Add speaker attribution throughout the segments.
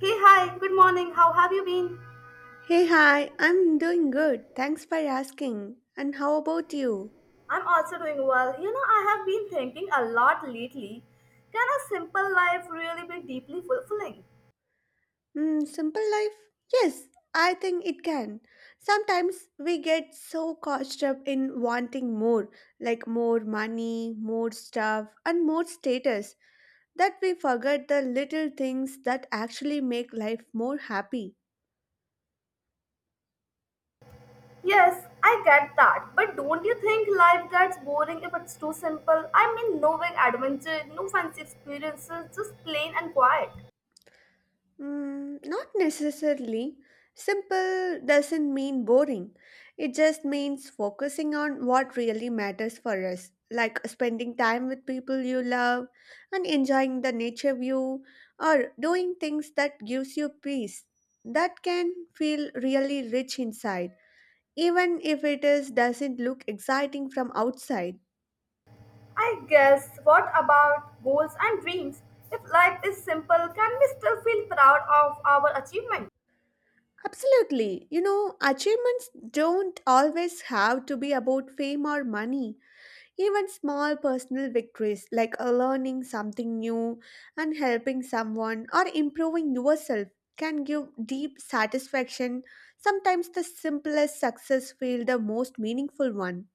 Speaker 1: Hey, hi, good morning. How have you been?
Speaker 2: Hey, hi, I'm doing good. Thanks for asking. And how about you?
Speaker 1: I'm also doing well. You know, I have been thinking a lot lately. Can a simple life really be deeply fulfilling?
Speaker 2: Hmm, simple life? Yes, I think it can. Sometimes we get so caught up in wanting more, like more money, more stuff, and more status, that we forget the little things that actually make life more happy.
Speaker 1: Yes, I get that. But don't you think life gets boring if it's too simple? I mean, no big adventure, no fancy experiences, just plain and quiet.
Speaker 2: Mm, not necessarily. Simple doesn't mean boring. It just means focusing on what really matters for us, like spending time with people you love and enjoying the nature view or doing things that gives you peace. That can feel really rich inside, even if it is doesn't look exciting from outside.
Speaker 1: I guess, what about goals and dreams? If life is simple, can we still feel proud of our achievement?
Speaker 2: Absolutely. You know, achievements don't always have to be about fame or money. Even small personal victories like learning something new and helping someone or improving yourself can give deep satisfaction. Sometimes the simplest success feels the most meaningful one.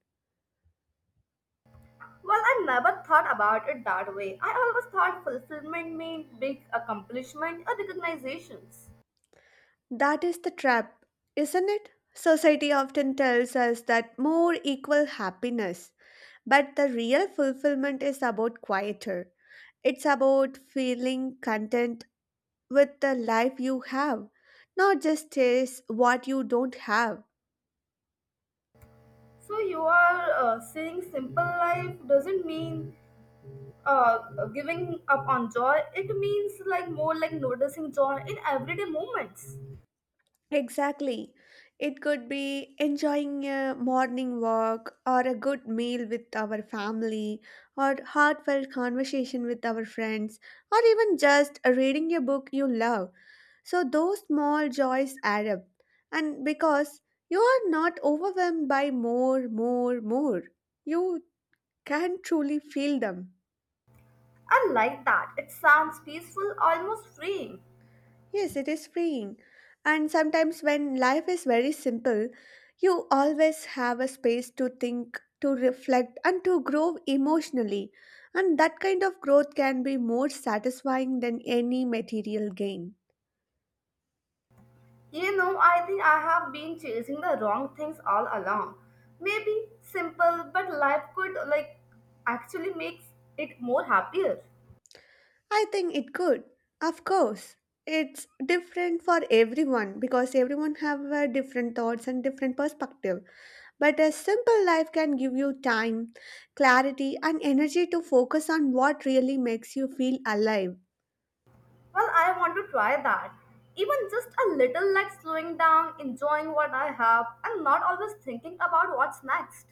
Speaker 1: Well, I never thought about it that way. I always thought fulfillment meant big accomplishment or recognitions.
Speaker 2: That is the trap, isn't it? Society often tells us that more equal happiness, but the real fulfillment is about quieter. It's about feeling content with the life you have, not just chase what you don't have.
Speaker 1: So you are saying simple life doesn't mean giving up on joy. It means like more like noticing joy in everyday moments.
Speaker 2: Exactly. It could be enjoying a morning walk or a good meal with our family or heartfelt conversation with our friends or even just reading a book you love. So those small joys add up. And because you are not overwhelmed by more, more, more, you can truly feel them.
Speaker 1: I like that. It sounds peaceful, almost freeing.
Speaker 2: Yes, it is freeing. And sometimes when life is very simple, you always have a space to think, to reflect, and to grow emotionally. And that kind of growth can be more satisfying than any material gain.
Speaker 1: You know, I think I have been chasing the wrong things all along. Maybe simple, but life could like actually makes it more happier.
Speaker 2: I think it could. Of course. It's different for everyone because everyone have different thoughts and different perspective. But a simple life can give you time, clarity and energy to focus on what really makes you feel alive.
Speaker 1: Well, I want to try that. Even just a little like slowing down, enjoying what I have, and not always thinking about what's next.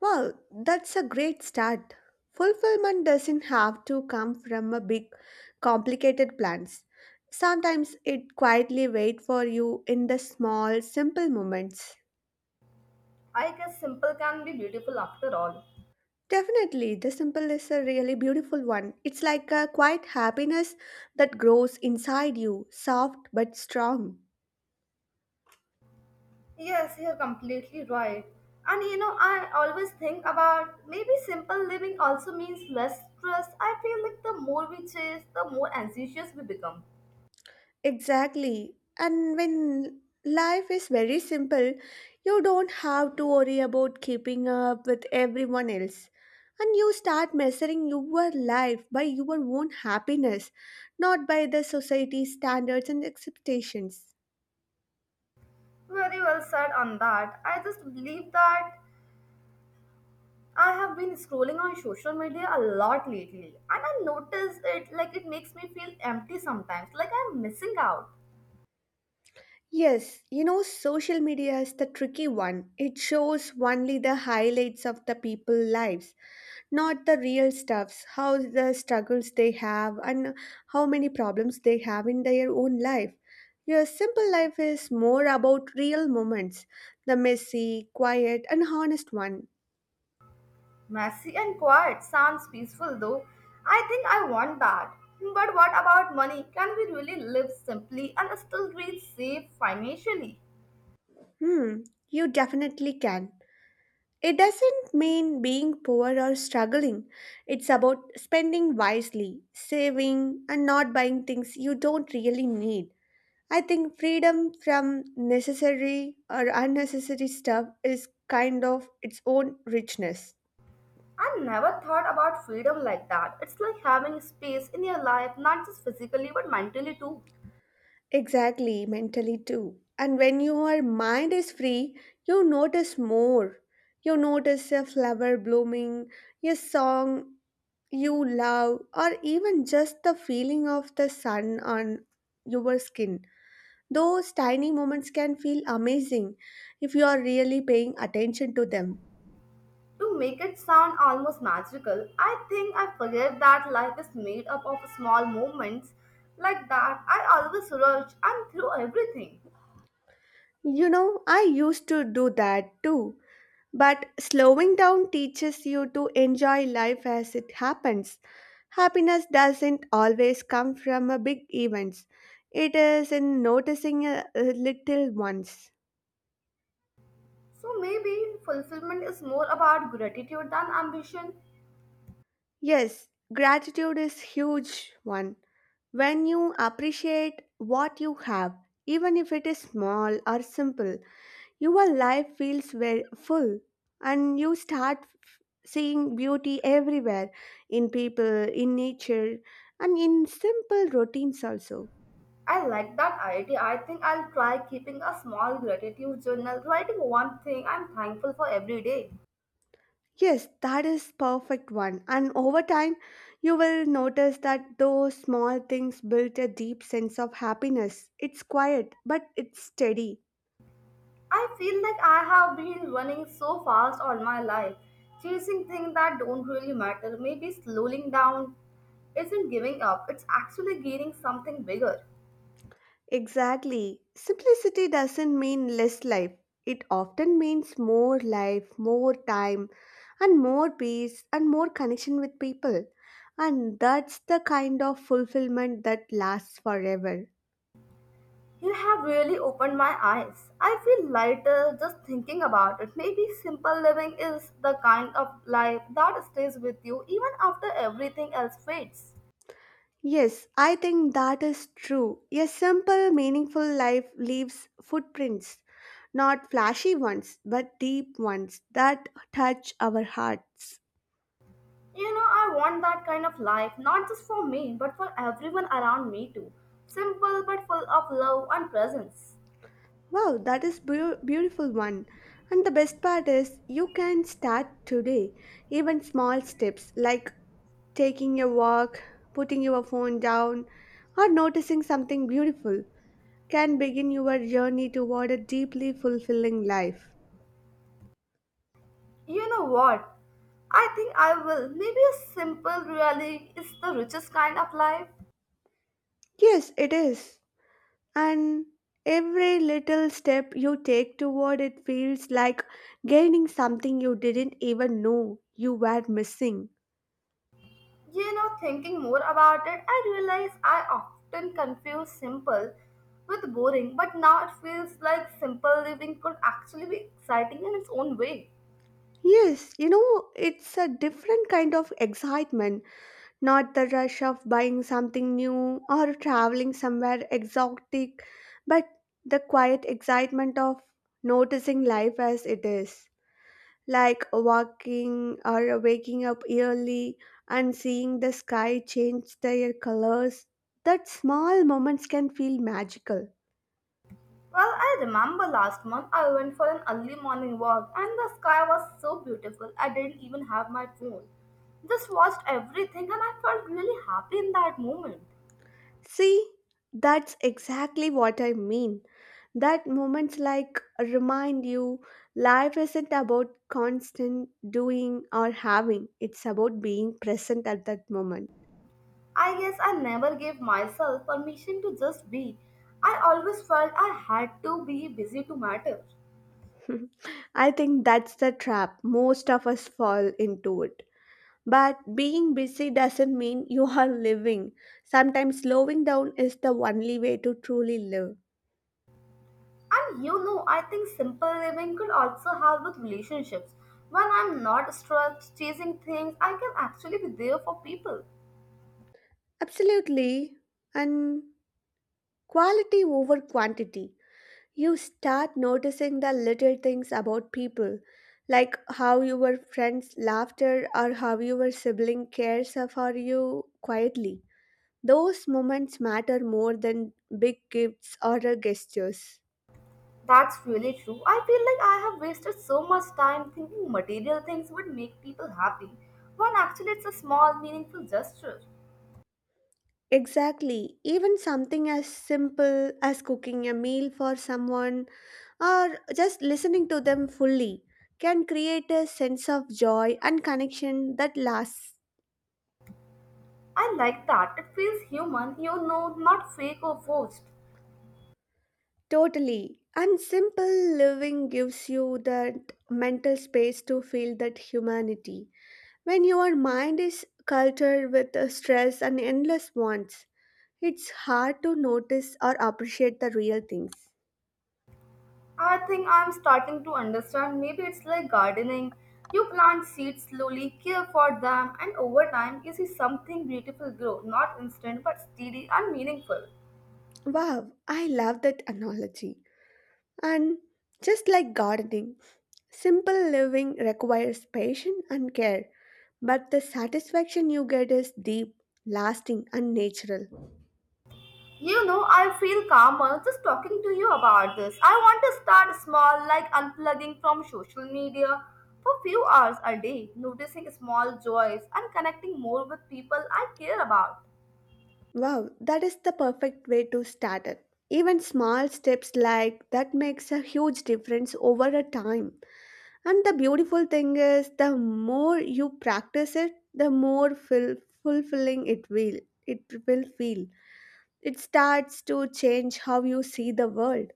Speaker 2: Well, that's a great start. Fulfillment doesn't have to come from a big complicated plans. Sometimes it quietly wait for you in the small simple moments.
Speaker 1: I guess simple can be beautiful after all.
Speaker 2: Definitely, the simple is a really beautiful one. It's like a quiet happiness that grows inside you, soft but strong.
Speaker 1: Yes, you're completely right. And you know, I always think about maybe simple living also means less stress. I feel like the more we chase, the more anxious we become.
Speaker 2: Exactly. And when life is very simple, you don't have to worry about keeping up with everyone else. And you start measuring your life by your own happiness, not by the society's standards and expectations.
Speaker 1: Very well said on that. I just believe that I have been scrolling on social media a lot lately and I notice it like it makes me feel empty sometimes, like I'm missing out.
Speaker 2: Yes, you know, social media is the tricky one. It shows only the highlights of the people' lives, not the real stuffs, how the struggles they have and how many problems they have in their own life. Your simple life is more about real moments, the messy, quiet, and honest one.
Speaker 1: Messy and quiet sounds peaceful though. I think I want that. But what about money? Can we really live simply and still feel safe financially?
Speaker 2: Hmm, you definitely can. It doesn't mean being poor or struggling. It's about spending wisely, saving, and not buying things you don't really need. I think freedom from necessary or unnecessary stuff is kind of its own richness.
Speaker 1: I never thought about freedom like that. It's like having space in your life, not just physically but mentally too.
Speaker 2: Exactly, mentally too. And when your mind is free, you notice more. You notice a flower blooming, a song you love, or even just the feeling of the sun on your skin. Those tiny moments can feel amazing if you are really paying attention to them.
Speaker 1: To make it sound almost magical, I think I forget that life is made up of small moments like that. I always rush and through everything.
Speaker 2: You know, I used to do that too, but slowing down teaches you to enjoy life as it happens. Happiness doesn't always come from a big events. It is in noticing a little ones.
Speaker 1: So maybe fulfillment is more about gratitude than ambition.
Speaker 2: Yes, gratitude is huge one. When you appreciate what you have, even if it is small or simple, your life feels very full and you start seeing beauty everywhere in people, in nature, and in simple routines also.
Speaker 1: I like that idea. I think I'll try keeping a small gratitude journal, writing one thing I'm thankful for every day.
Speaker 2: Yes, that is perfect one. And over time, you will notice that those small things built a deep sense of happiness. It's quiet, but it's steady.
Speaker 1: I feel like I have been running so fast all my life, chasing things that don't really matter. Maybe slowing down isn't giving up, it's actually gaining something bigger.
Speaker 2: Exactly. Simplicity doesn't mean less life. It often means more life, more time, and more peace and more connection with people. And that's the kind of fulfillment that lasts forever.
Speaker 1: You have really opened my eyes. I feel lighter just thinking about it. Maybe simple living is the kind of life that stays with you even after everything else fades.
Speaker 2: Yes, I think that is true. A simple, meaningful life leaves footprints, not flashy ones, but deep ones that touch our hearts.
Speaker 1: You know, I want that kind of life, not just for me, but for everyone around me too. Simple but full of love and presence.
Speaker 2: Wow, that is beautiful one. And the best part is you can start today. Even small steps like taking a walk, putting your phone down, or noticing something beautiful can begin your journey toward a deeply fulfilling life.
Speaker 1: You know what? I think I will. Maybe a simple really is the richest kind of life.
Speaker 2: Yes, it is. And every little step you take toward it feels like gaining something you didn't even know you were missing.
Speaker 1: You know, thinking more about it, I realize I often confuse simple with boring, but now it feels like simple living could actually be exciting in its own way.
Speaker 2: Yes, you know, it's a different kind of excitement, not the rush of buying something new or traveling somewhere exotic, but the quiet excitement of noticing life as it is, like walking or waking up early and seeing the sky change their colors. That small moments can feel magical.
Speaker 1: Well, I remember last month I went for an early morning walk and the sky was so beautiful I didn't even have my phone. Just watched everything and I felt really happy in that moment.
Speaker 2: See, that's exactly what I mean. That moments like remind you life isn't about constant doing or having, it's about being present at that moment.
Speaker 1: I guess I never gave myself permission to just be. I always felt I had to be busy to matter.
Speaker 2: I think that's the trap most of us fall into it. But being busy doesn't mean you are living. Sometimes slowing down is the only way to truly live.
Speaker 1: And you know, I think simple living could also help with relationships. When I'm not stressed chasing things, I can actually be there for people.
Speaker 2: Absolutely. And quality over quantity. You start noticing the little things about people, like how your friends' laughter or how your sibling cares for you quietly. Those moments matter more than big gifts or gestures.
Speaker 1: That's really true. I feel like I have wasted so much time thinking material things would make people happy, when actually it's a small, meaningful gesture.
Speaker 2: Exactly. Even something as simple as cooking a meal for someone or just listening to them fully can create a sense of joy and connection that lasts.
Speaker 1: I like that. It feels human, you know, not fake or forced.
Speaker 2: Totally. And simple living gives you that mental space to feel that humanity. When your mind is cultured with stress and endless wants, it's hard to notice or appreciate the real things.
Speaker 1: I think I'm starting to understand. Maybe it's like gardening. You plant seeds slowly, care for them, and over time you see something beautiful grow. Not instant, but steady and meaningful.
Speaker 2: Wow, I love that analogy. And just like gardening, simple living requires patience and care, but the satisfaction you get is deep, lasting, and natural.
Speaker 1: You know, I feel calmer just talking to you about this. I want to start small, like unplugging from social media for few hours a day, noticing small joys and connecting more with people I care about.
Speaker 2: Wow, that is the perfect way to start it. Even small steps like that makes a huge difference over a time. And the beautiful thing is the more you practice it, the more fulfilling it will feel. It starts to change how you see the world.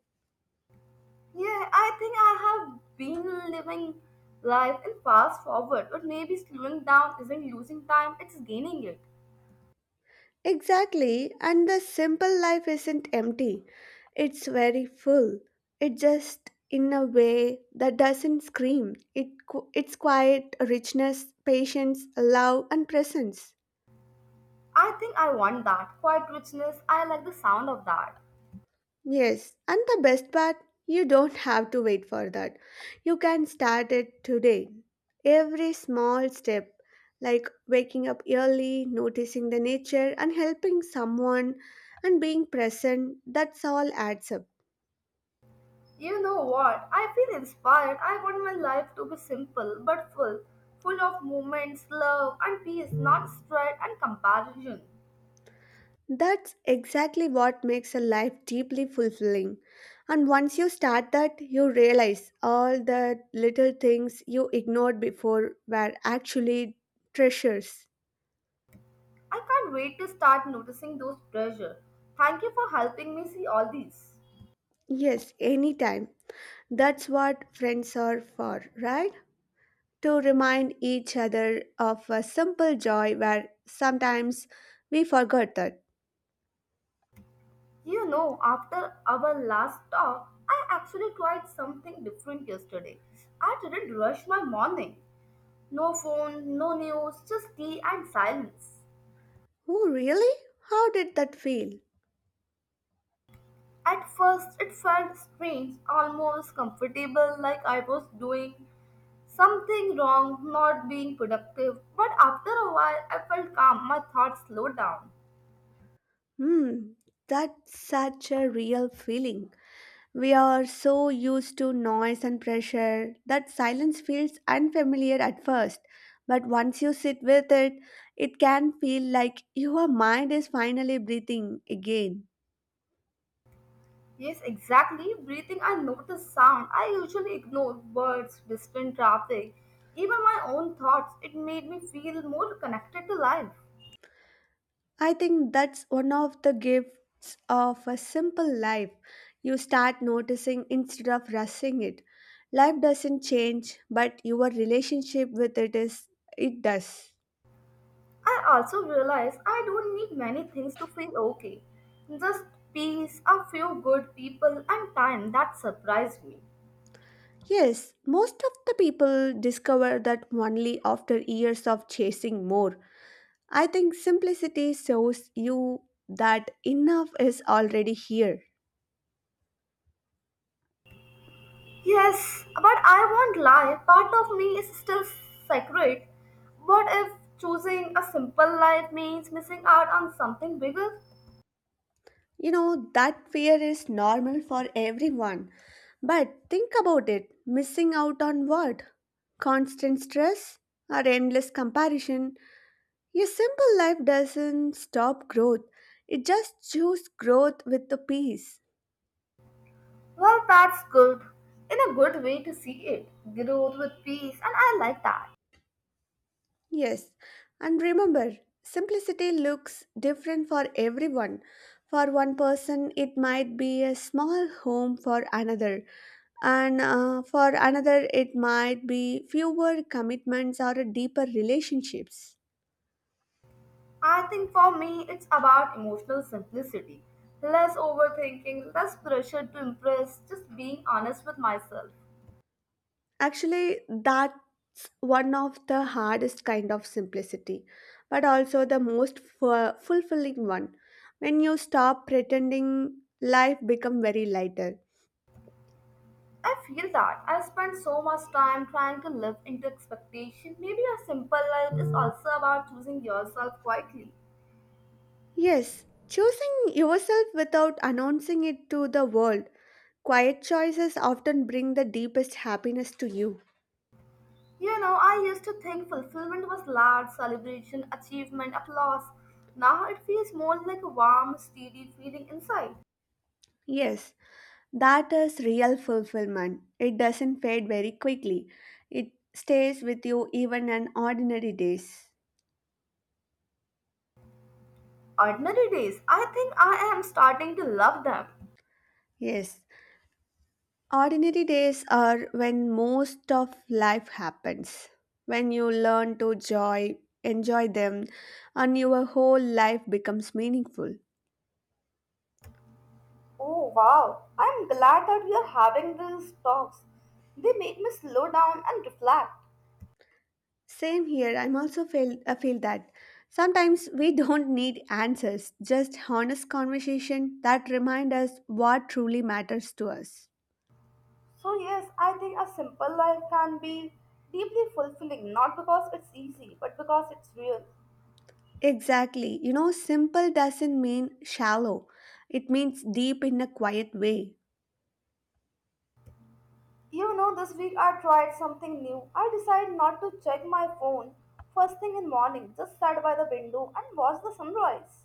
Speaker 1: Yeah, I think I have been living life in fast forward, but maybe slowing down isn't losing time, it's gaining it.
Speaker 2: Exactly, and the simple life isn't empty, it's very full. It just in a way that doesn't scream. It it's quiet, richness, patience, love, and presence.
Speaker 1: I think I want that quiet richness. I like the sound of that.
Speaker 2: Yes, and the best part, you don't have to wait for that. You can start it today. Every small step, like waking up early, noticing the nature, and helping someone, and being present, that's all adds up.
Speaker 1: You know what? I feel inspired. I want my life to be simple but full, full of moments, love, and peace, not strife and comparison.
Speaker 2: That's exactly what makes a life deeply fulfilling. And once you start that, you realize all the little things you ignored before were actually treasures.
Speaker 1: I can't wait to start noticing those treasures. Thank you for helping me see all these.
Speaker 2: Yes, anytime. That's what friends are for, right? To remind each other of a simple joy where sometimes we forgot that.
Speaker 1: You know, after our last talk, I actually tried something different yesterday. I didn't rush my morning. No phone, no news, just tea and silence.
Speaker 2: Oh, really? How did that feel?
Speaker 1: At first, it felt strange, almost comfortable, like I was doing something wrong, not being productive. But after a while, I felt calm, my thoughts slowed down.
Speaker 2: Hmm, that's such a real feeling. We are so used to noise and pressure that silence feels unfamiliar at first. But once you sit with it, it can feel like your mind is finally breathing again.
Speaker 1: Yes, exactly. Breathing, I notice sound. I usually ignore birds, distant traffic, even my own thoughts. It made me feel more connected to life.
Speaker 2: I think that's one of the gifts of a simple life. You start noticing instead of rushing it. Life doesn't change, but your relationship with it does.
Speaker 1: I also realized I don't need many things to feel okay. Just peace, a few good people, and time. That surprised me.
Speaker 2: Yes, most of the people discover that only after years of chasing more. I think simplicity shows you that enough is already here.
Speaker 1: Yes, but I won't lie. Part of me is still sacred. What if choosing a simple life means missing out on something bigger?
Speaker 2: You know, that fear is normal for everyone. But think about it missing out on what? Constant stress or endless comparison? Your simple life doesn't stop growth, it just chooses growth with the peace.
Speaker 1: Well, that's good. In a good way to see it. Growth with peace, and I like that.
Speaker 2: Yes, and remember, simplicity looks different for everyone. For one person, it might be a small home for another, and for another, it might be fewer commitments or a deeper relationships.
Speaker 1: I think for me, it's about emotional simplicity. Less overthinking, less pressure to impress, just being honest with myself.
Speaker 2: Actually, that's one of the hardest kind of simplicity, but also the most fulfilling one. When you stop pretending, life become very lighter.
Speaker 1: I feel that I spend so much time trying to live into expectation. Maybe a simple life is also about choosing yourself quietly.
Speaker 2: Yes, choosing yourself without announcing it to the world. Quiet choices often bring the deepest happiness to you.
Speaker 1: You know, I used to think fulfillment was large celebration, achievement, applause. Now it feels more like a warm, steady feeling inside.
Speaker 2: Yes, that is real fulfillment. It doesn't fade very quickly. It stays with you even on ordinary days.
Speaker 1: Ordinary days, I think I am starting to love them.
Speaker 2: Yes, ordinary days are when most of life happens. When you learn to joy, enjoy them, and your whole life becomes meaningful.
Speaker 1: Oh wow, I'm glad that we are having these talks. They make me slow down and reflect.
Speaker 2: Same here. I feel that sometimes we don't need answers, just honest conversation that remind us what truly matters to us.
Speaker 1: So, yes, I think a simple life can be deeply fulfilling, not because it's easy, but because it's real.
Speaker 2: Exactly. You know, simple doesn't mean shallow. It means deep in a quiet way.
Speaker 1: You know, this week I tried something new. I decided not to check my phone first thing in morning, just sat by the window and watched the sunrise.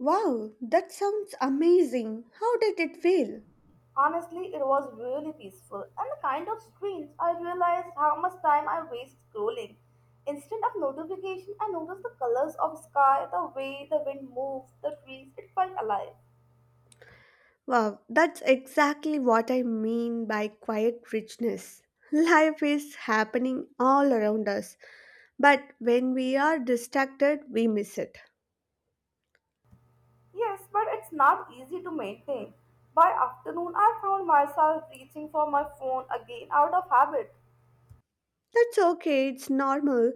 Speaker 2: Wow, that sounds amazing. How did it feel?
Speaker 1: Honestly, it was really peaceful and kind of strange. I realized how much time I waste scrolling. Instead of notification, I noticed the colors of sky, the way the wind moved, the trees. It felt alive.
Speaker 2: Wow, that's exactly what I mean by quiet richness. Life is happening all around us, but when we are distracted, we miss it.
Speaker 1: Yes, but it's not easy to maintain. By afternoon, I found myself reaching for my phone again out of habit.
Speaker 2: That's okay, it's normal.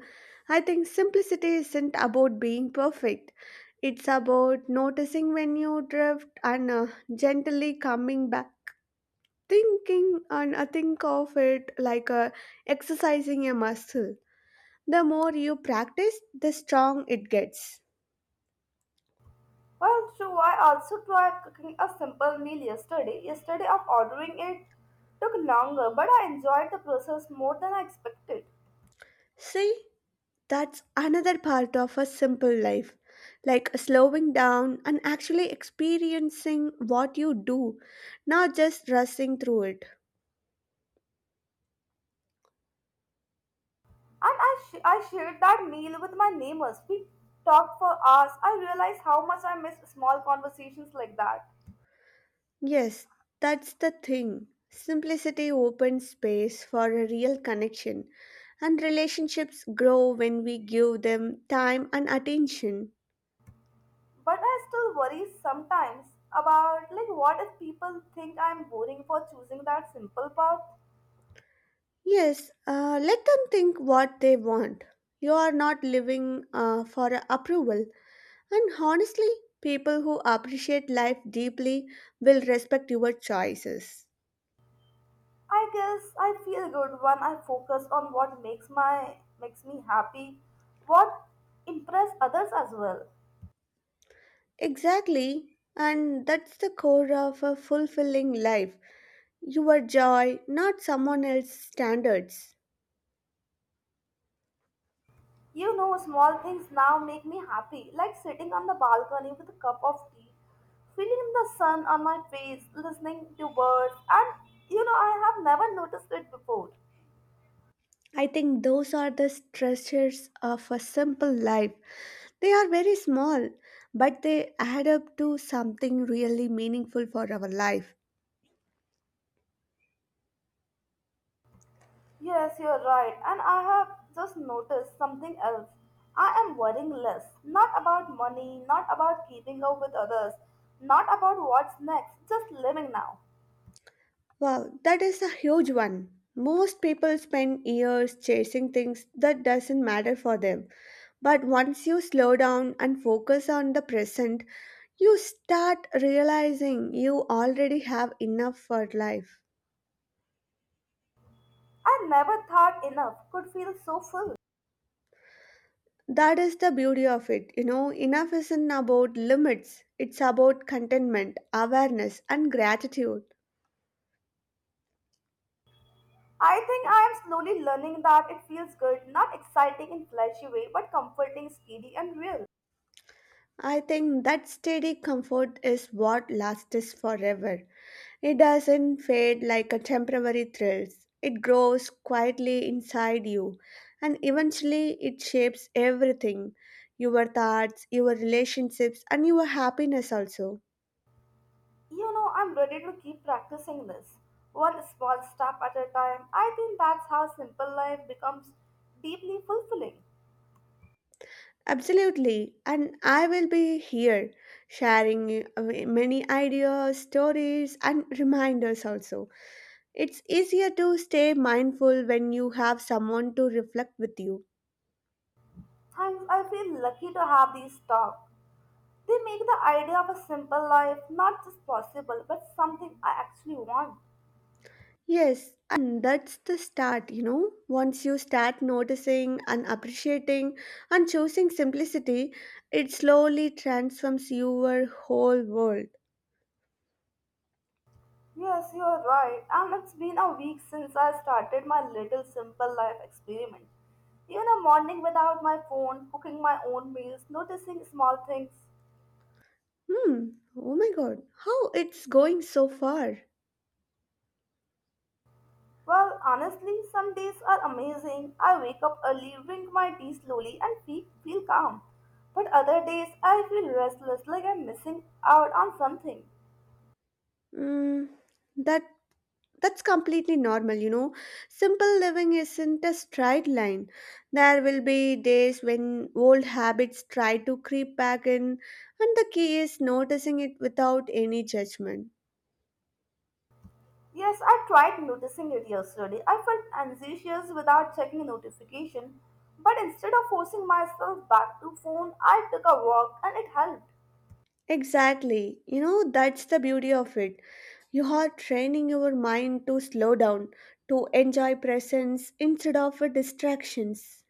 Speaker 2: I think simplicity isn't about being perfect. It's about noticing when you drift and gently coming back. Think of it like exercising a muscle. The more you practice, the strong it gets.
Speaker 1: Well, true, I also tried cooking a simple meal yesterday. Yesterday, of ordering it took longer, but I enjoyed the process more than I expected.
Speaker 2: See, that's another part of a simple life. Like slowing down and actually experiencing what you do, not just rushing through it.
Speaker 1: And I shared that meal with my neighbors. We talked for hours. I realized how much I miss small conversations like that.
Speaker 2: Yes, that's the thing. Simplicity opens space for a real connection, and relationships grow when we give them time and attention.
Speaker 1: But I still worry sometimes about like what if people think I'm boring for choosing that simple path.
Speaker 2: Yes, let them think what they want. You are not living for a approval, and honestly, people who appreciate life deeply will respect your choices.
Speaker 1: I guess I feel good when I focus on what makes me happy, what impress others as well.
Speaker 2: Exactly, and that's the core of a fulfilling life. Your joy, not someone else's standards.
Speaker 1: You know, small things now make me happy, like sitting on the balcony with a cup of tea, feeling the sun on my face, listening to birds, and you know, I have never noticed it before.
Speaker 2: I think those are the treasures of a simple life. They are very small, but they add up to something really meaningful for our life.
Speaker 1: Yes, you're right. And I have just noticed something else. I am worrying less. Not about money, not about keeping up with others, not about what's next, just living now.
Speaker 2: Wow, that is a huge one. Most people spend years chasing things that doesn't matter for them. But once you slow down and focus on the present, you start realizing you already have enough for life.
Speaker 1: I never thought enough could feel so full.
Speaker 2: That is the beauty of it. You know, enough isn't about limits, it's about contentment, awareness, and gratitude.
Speaker 1: I think I am slowly learning that it feels good, not exciting in flashy way, but comforting, steady, and real.
Speaker 2: I think that steady comfort is what lasts forever. It doesn't fade like a temporary thrill. It grows quietly inside you, and eventually it shapes everything: your thoughts, your relationships, and your happiness also.
Speaker 1: You know, I'm ready to keep practicing this. One small step at a time. I think that's how simple life becomes deeply fulfilling.
Speaker 2: Absolutely, and I will be here sharing many ideas, stories, and reminders also. It's easier to stay mindful when you have someone to reflect with you.
Speaker 1: Thanks, I feel lucky to have these talks. They make the idea of a simple life not just possible, but something I actually want.
Speaker 2: Yes, and that's the start, you know. Once you start noticing and appreciating and choosing simplicity, it slowly transforms your whole world.
Speaker 1: Yes, you're right, and it's been a week since I started my little simple life experiment. Even a morning without my phone, cooking my own meals, noticing small things.
Speaker 2: Hmm, oh my god, how it's going so far.
Speaker 1: Well, honestly, some days are amazing. I wake up early, drink my tea slowly, and feel calm. But other days, I feel restless, like I'm missing out on something.
Speaker 2: Mm, that that's completely normal, you know. Simple living isn't a straight line. There will be days when old habits try to creep back in, and the key is noticing it without any judgment.
Speaker 1: Yes, I tried noticing it yesterday. I felt anxious without checking notification, but instead of forcing myself back to phone, I took a walk and it helped.
Speaker 2: Exactly. You know, that's the beauty of it. You are training your mind to slow down, to enjoy presence instead of distractions.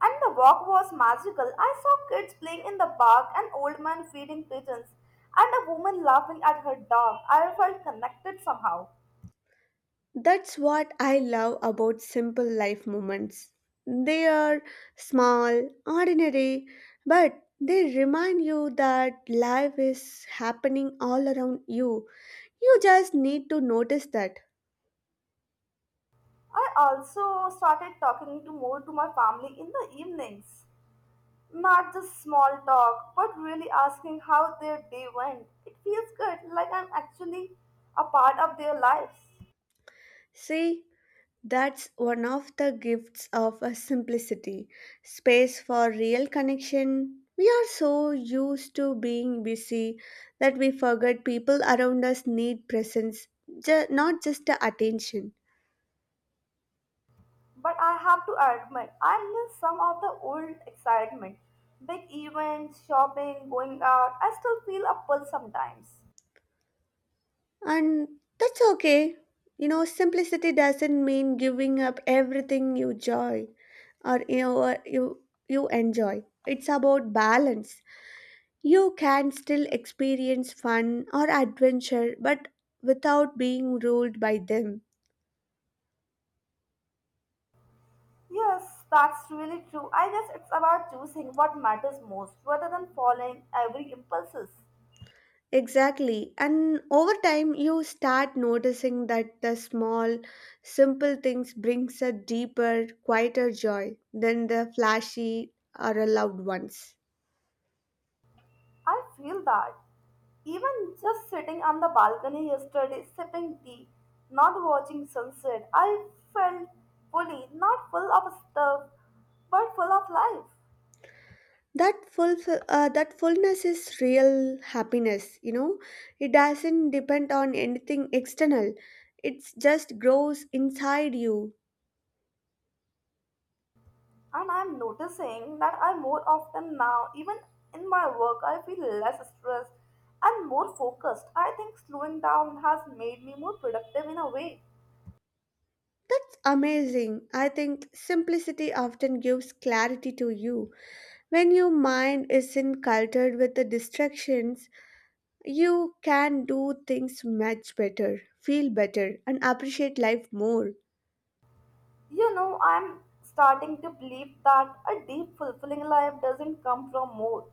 Speaker 1: And the walk was magical. I saw kids playing in the park, an old man feeding pigeons, and a woman laughing at her dog. I felt connected somehow.
Speaker 2: That's what I love about simple life moments. They are small, ordinary, but they remind you that life is happening all around you. You just need to notice that.
Speaker 1: I also started talking to more to my family in the evenings. Not just small talk, but really asking how their day went. It feels good, like I'm actually a part of their lives.
Speaker 2: See, that's one of the gifts of a simplicity, space for real connection. We are so used to being busy that we forget people around us need presence, not just the attention.
Speaker 1: But I have to admit, I miss some of the old excitement. Big events, shopping, going out, I still feel a pull sometimes.
Speaker 2: And that's okay. You know, simplicity doesn't mean giving up everything you joy or you know, or you enjoy. It's about balance. You can still experience fun or adventure but without being ruled by them.
Speaker 1: Yes, that's really true. I guess it's about choosing what matters most rather than following every impulses.
Speaker 2: Exactly. And over time you start noticing that the small simple things brings a deeper, quieter joy than the flashy or a loud ones.
Speaker 1: I feel that. Even just sitting on the balcony yesterday sipping tea, not watching sunset, I felt fully, not full of stuff, but full of life.
Speaker 2: that full that fullness is real happiness, you know. It doesn't depend on anything external. It just grows inside you.
Speaker 1: And I'm noticing that I more often now, even in my work, I feel less stressed and more focused. I think slowing down has made me more productive in a way.
Speaker 2: That's amazing. I think simplicity often gives clarity to you. When your mind isn't cluttered with the distractions, you can do things much better, feel better, and appreciate life more.
Speaker 1: You know, I'm starting to believe that a deep, fulfilling life doesn't come from more.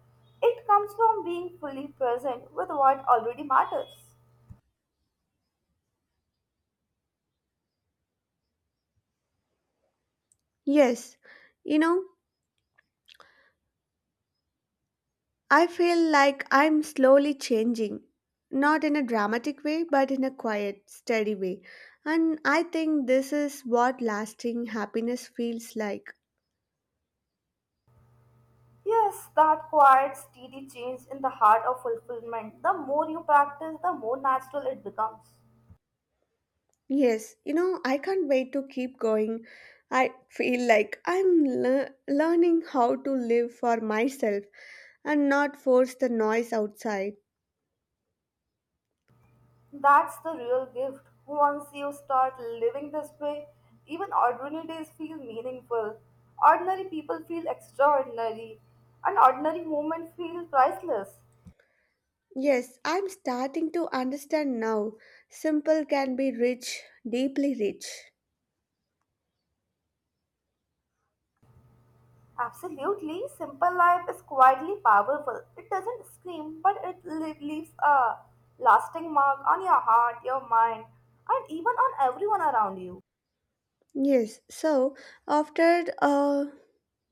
Speaker 1: It comes from being fully present with what already matters.
Speaker 2: Yes, you know, I feel like I'm slowly changing, not in a dramatic way, but in a quiet, steady way. And I think this is what lasting happiness feels like.
Speaker 1: Yes, that quiet, steady change in the heart of fulfillment. The more you practice, the more natural it becomes.
Speaker 2: Yes, you know, I can't wait to keep going. I feel like I'm learning how to live for myself and not force the noise outside.
Speaker 1: That's the real gift. Once you start living this way, even ordinary days feel meaningful. Ordinary people feel extraordinary, and ordinary moments feel priceless.
Speaker 2: Yes, I'm starting to understand now. Simple can be rich, deeply rich.
Speaker 1: Absolutely, simple life is quietly powerful. It doesn't scream, but it leaves a lasting mark on your heart, your mind, and even on everyone around you.
Speaker 2: Yes, so after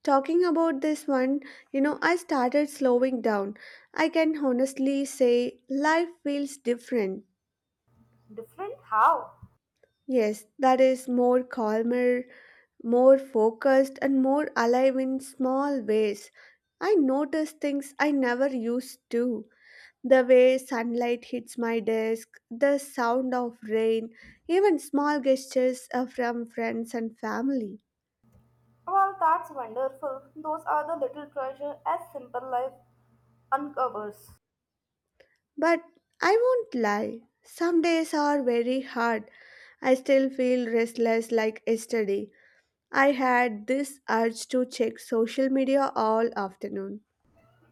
Speaker 2: talking about this one, you know, I started slowing down. I can honestly say life feels different.
Speaker 1: Different how?
Speaker 2: Yes, that is more calmer, more focused, and more alive in small ways. I notice things I never used to. The way sunlight hits my desk, the sound of rain, even small gestures from friends and family.
Speaker 1: Well, that's wonderful. Those are the little treasure as simple life uncovers.
Speaker 2: But I won't lie, some days are very hard. I still feel restless like yesterday. I had this urge to check social media all afternoon.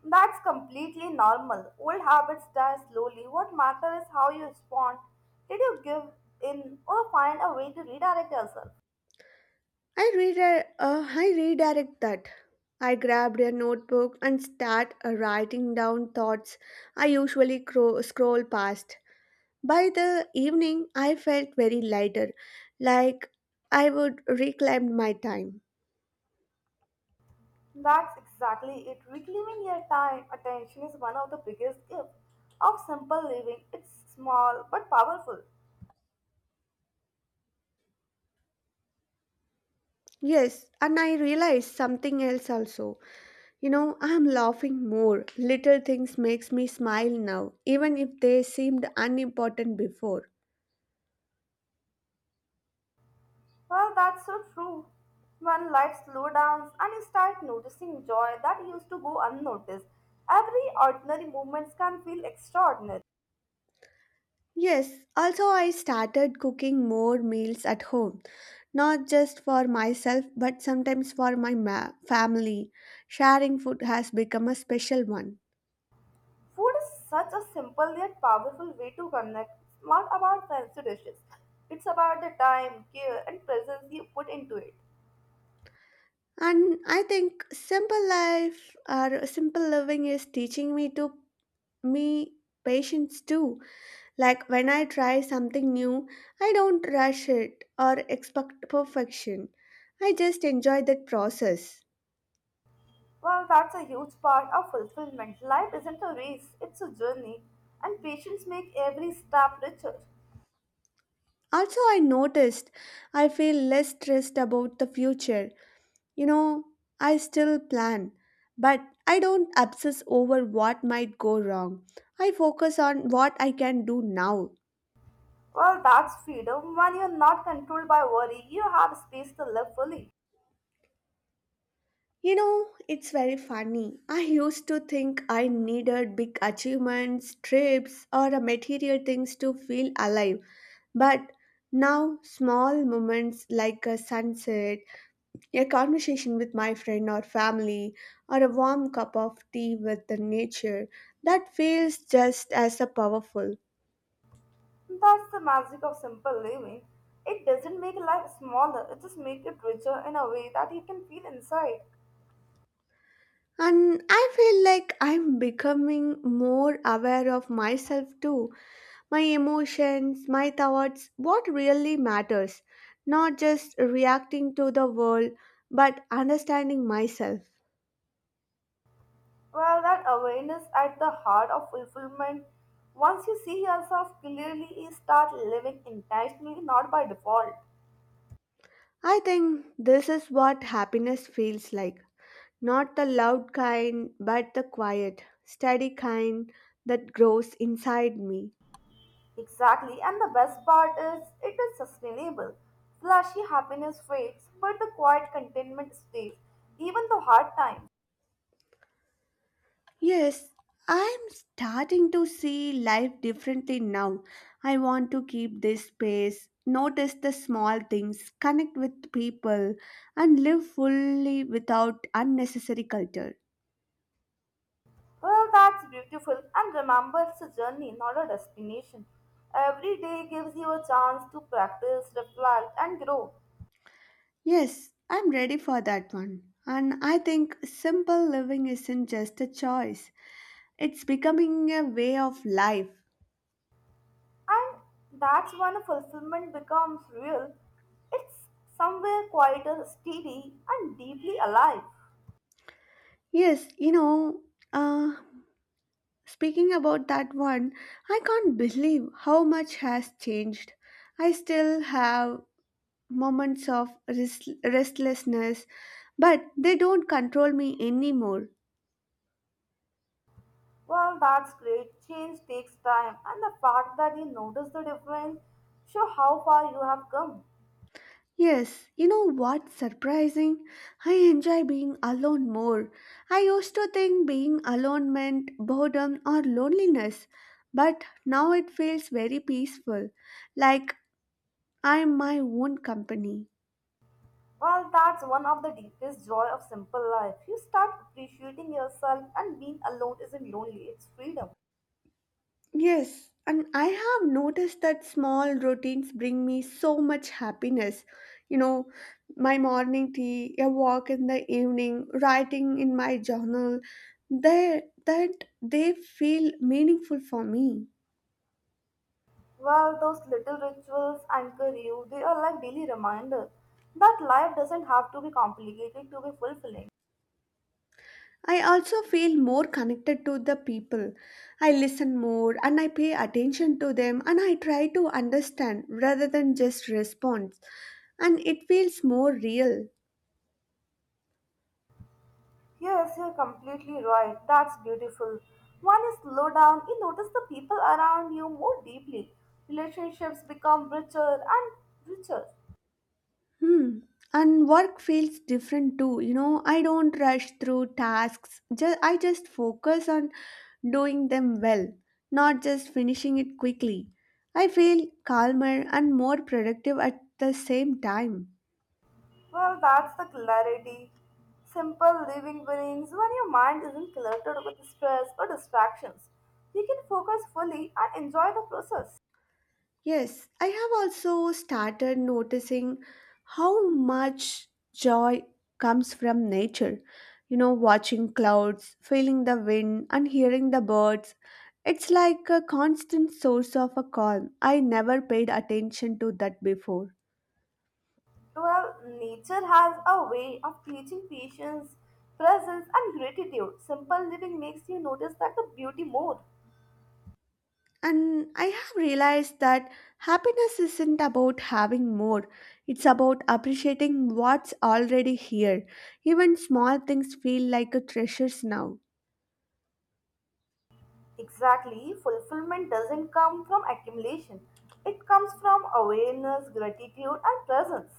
Speaker 1: That's completely normal. Old habits die slowly. What matters is how you respond. Did you give in or find a way to redirect yourself?
Speaker 2: I redirect that. I grabbed a notebook and start writing down thoughts I usually scroll past. By the evening, I felt very lighter, like I would reclaim my time.
Speaker 1: That's exactly it. Reclaiming your time, attention is one of the biggest gifts of simple living. It's small but powerful.
Speaker 2: Yes, and I realized something else also. You know, I'm laughing more. Little things makes me smile now, even if they seemed unimportant before.
Speaker 1: Well, that's so true. When life slows down and you start noticing joy that used to go unnoticed, every ordinary moment can feel extraordinary.
Speaker 2: Yes, also I started cooking more meals at home, not just for myself but sometimes for my family. Sharing food has become a special one.
Speaker 1: Food is such a simple yet powerful way to connect. It's not about fancy dishes. It's about the time, care, and presence you put into it.
Speaker 2: And I think simple life or simple living is teaching me patience too. Like when I try something new, I don't rush it or expect perfection. I just enjoy that process.
Speaker 1: Well, that's a huge part of fulfillment. Life isn't a race, it's a journey, and patience make every step richer.
Speaker 2: Also, I noticed I feel less stressed about the future. You know, I still plan, but I don't obsess over what might go wrong. I focus on what I can do now.
Speaker 1: Well, that's freedom. When you're not controlled by worry, you have space to live fully.
Speaker 2: You know, it's very funny. I used to think I needed big achievements, trips, or a material things to feel alive. But now, small moments like a sunset, a conversation with my friend or family, or a warm cup of tea with the nature, that feels just as a powerful.
Speaker 1: That's the magic of simple living. It doesn't make life smaller, it just makes it richer in a way that you can feel inside.
Speaker 2: And I feel like I'm becoming more aware of myself too: my emotions, my thoughts, what really matters, not just reacting to the world, but understanding myself.
Speaker 1: Well, that awareness at the heart of fulfillment. Once you see yourself clearly, you start living intentionally, not by default.
Speaker 2: I think this is what happiness feels like, not the loud kind, but the quiet, steady kind that grows inside me.
Speaker 1: Exactly, and the best part is it is sustainable. Flashy happiness fades, but the quiet contentment stays, even the hard times.
Speaker 2: Yes, I'm starting to see life differently now. I want to keep this space, notice the small things, connect with people, and live fully without unnecessary culture.
Speaker 1: Well, that's beautiful, and remember it's a journey, not a destination. Every day gives you a chance to practice, reflect, and grow.
Speaker 2: Yes, I'm ready for that one. And I think simple living isn't just a choice, it's becoming a way of life.
Speaker 1: And that's when fulfillment becomes real. It's somewhere quieter, steady, and deeply alive.
Speaker 2: Yes, you know, uh, speaking about that one, I can't believe how much has changed. I still have moments of restlessness, but they don't control me anymore.
Speaker 1: Well, that's great. Change takes time, and the fact that you notice the difference show how far you have come.
Speaker 2: Yes, you know what's surprising? I enjoy being alone more. I used to think being alone meant boredom or loneliness, but now it feels very peaceful, like I'm my own company.
Speaker 1: Well, that's one of the deepest joy of simple life. You start appreciating yourself, and being alone isn't lonely; it's freedom.
Speaker 2: Yes, and I have noticed that small routines bring me so much happiness. You know, my morning tea, a walk in the evening, writing in my journal, they feel meaningful for me.
Speaker 1: Well, those little rituals anchor you. They are like daily reminders that life doesn't have to be complicated to be fulfilling.
Speaker 2: I also feel more connected to the people. I listen more and I pay attention to them and I try to understand rather than just respond. And it feels more real.
Speaker 1: Yes, you're completely right. That's beautiful. When you slow down, you notice the people around you more deeply. Relationships become richer and richer.
Speaker 2: Hmm. And work feels different too. You know, I don't rush through tasks. Just focus on doing them well, not just finishing it quickly. I feel calmer and more productive at the same time.
Speaker 1: Well, that's the clarity. Simple living brings when your mind isn't cluttered with stress or distractions. You can focus fully and enjoy the process.
Speaker 2: Yes, I have also started noticing how much joy comes from nature. You know, watching clouds, feeling the wind, and hearing the birds. It's like a constant source of a calm. I never paid attention to that before.
Speaker 1: Well, nature has a way of teaching patience, presence, and gratitude. Simple living makes you notice that the beauty more.
Speaker 2: And I have realized that happiness isn't about having more, it's about appreciating what's already here. Even small things feel like a treasures now.
Speaker 1: Exactly, fulfillment doesn't come from accumulation. It comes from awareness, gratitude, and presence.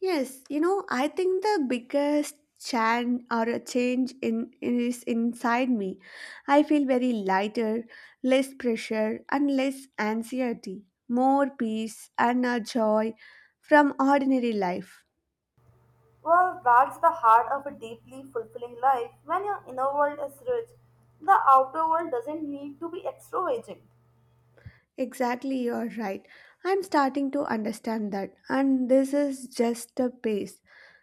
Speaker 2: Yes, you know, I think the biggest change or a change in is inside me. I feel very lighter, less pressure, and less anxiety, more peace and a joy from ordinary life.
Speaker 1: Well, that's the heart of a deeply fulfilling life. When your inner world is rich, the outer world doesn't need to be extravagant.
Speaker 2: Exactly, you're right. I'm starting to understand that, and this is just a pace.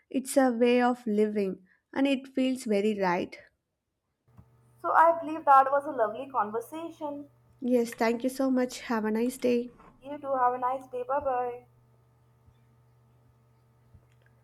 Speaker 2: It's a way of living, and it feels very right.
Speaker 1: So, I believe that was a lovely conversation.
Speaker 2: Yes, thank you so much. Have a nice day.
Speaker 1: You too, have a nice day. Bye bye.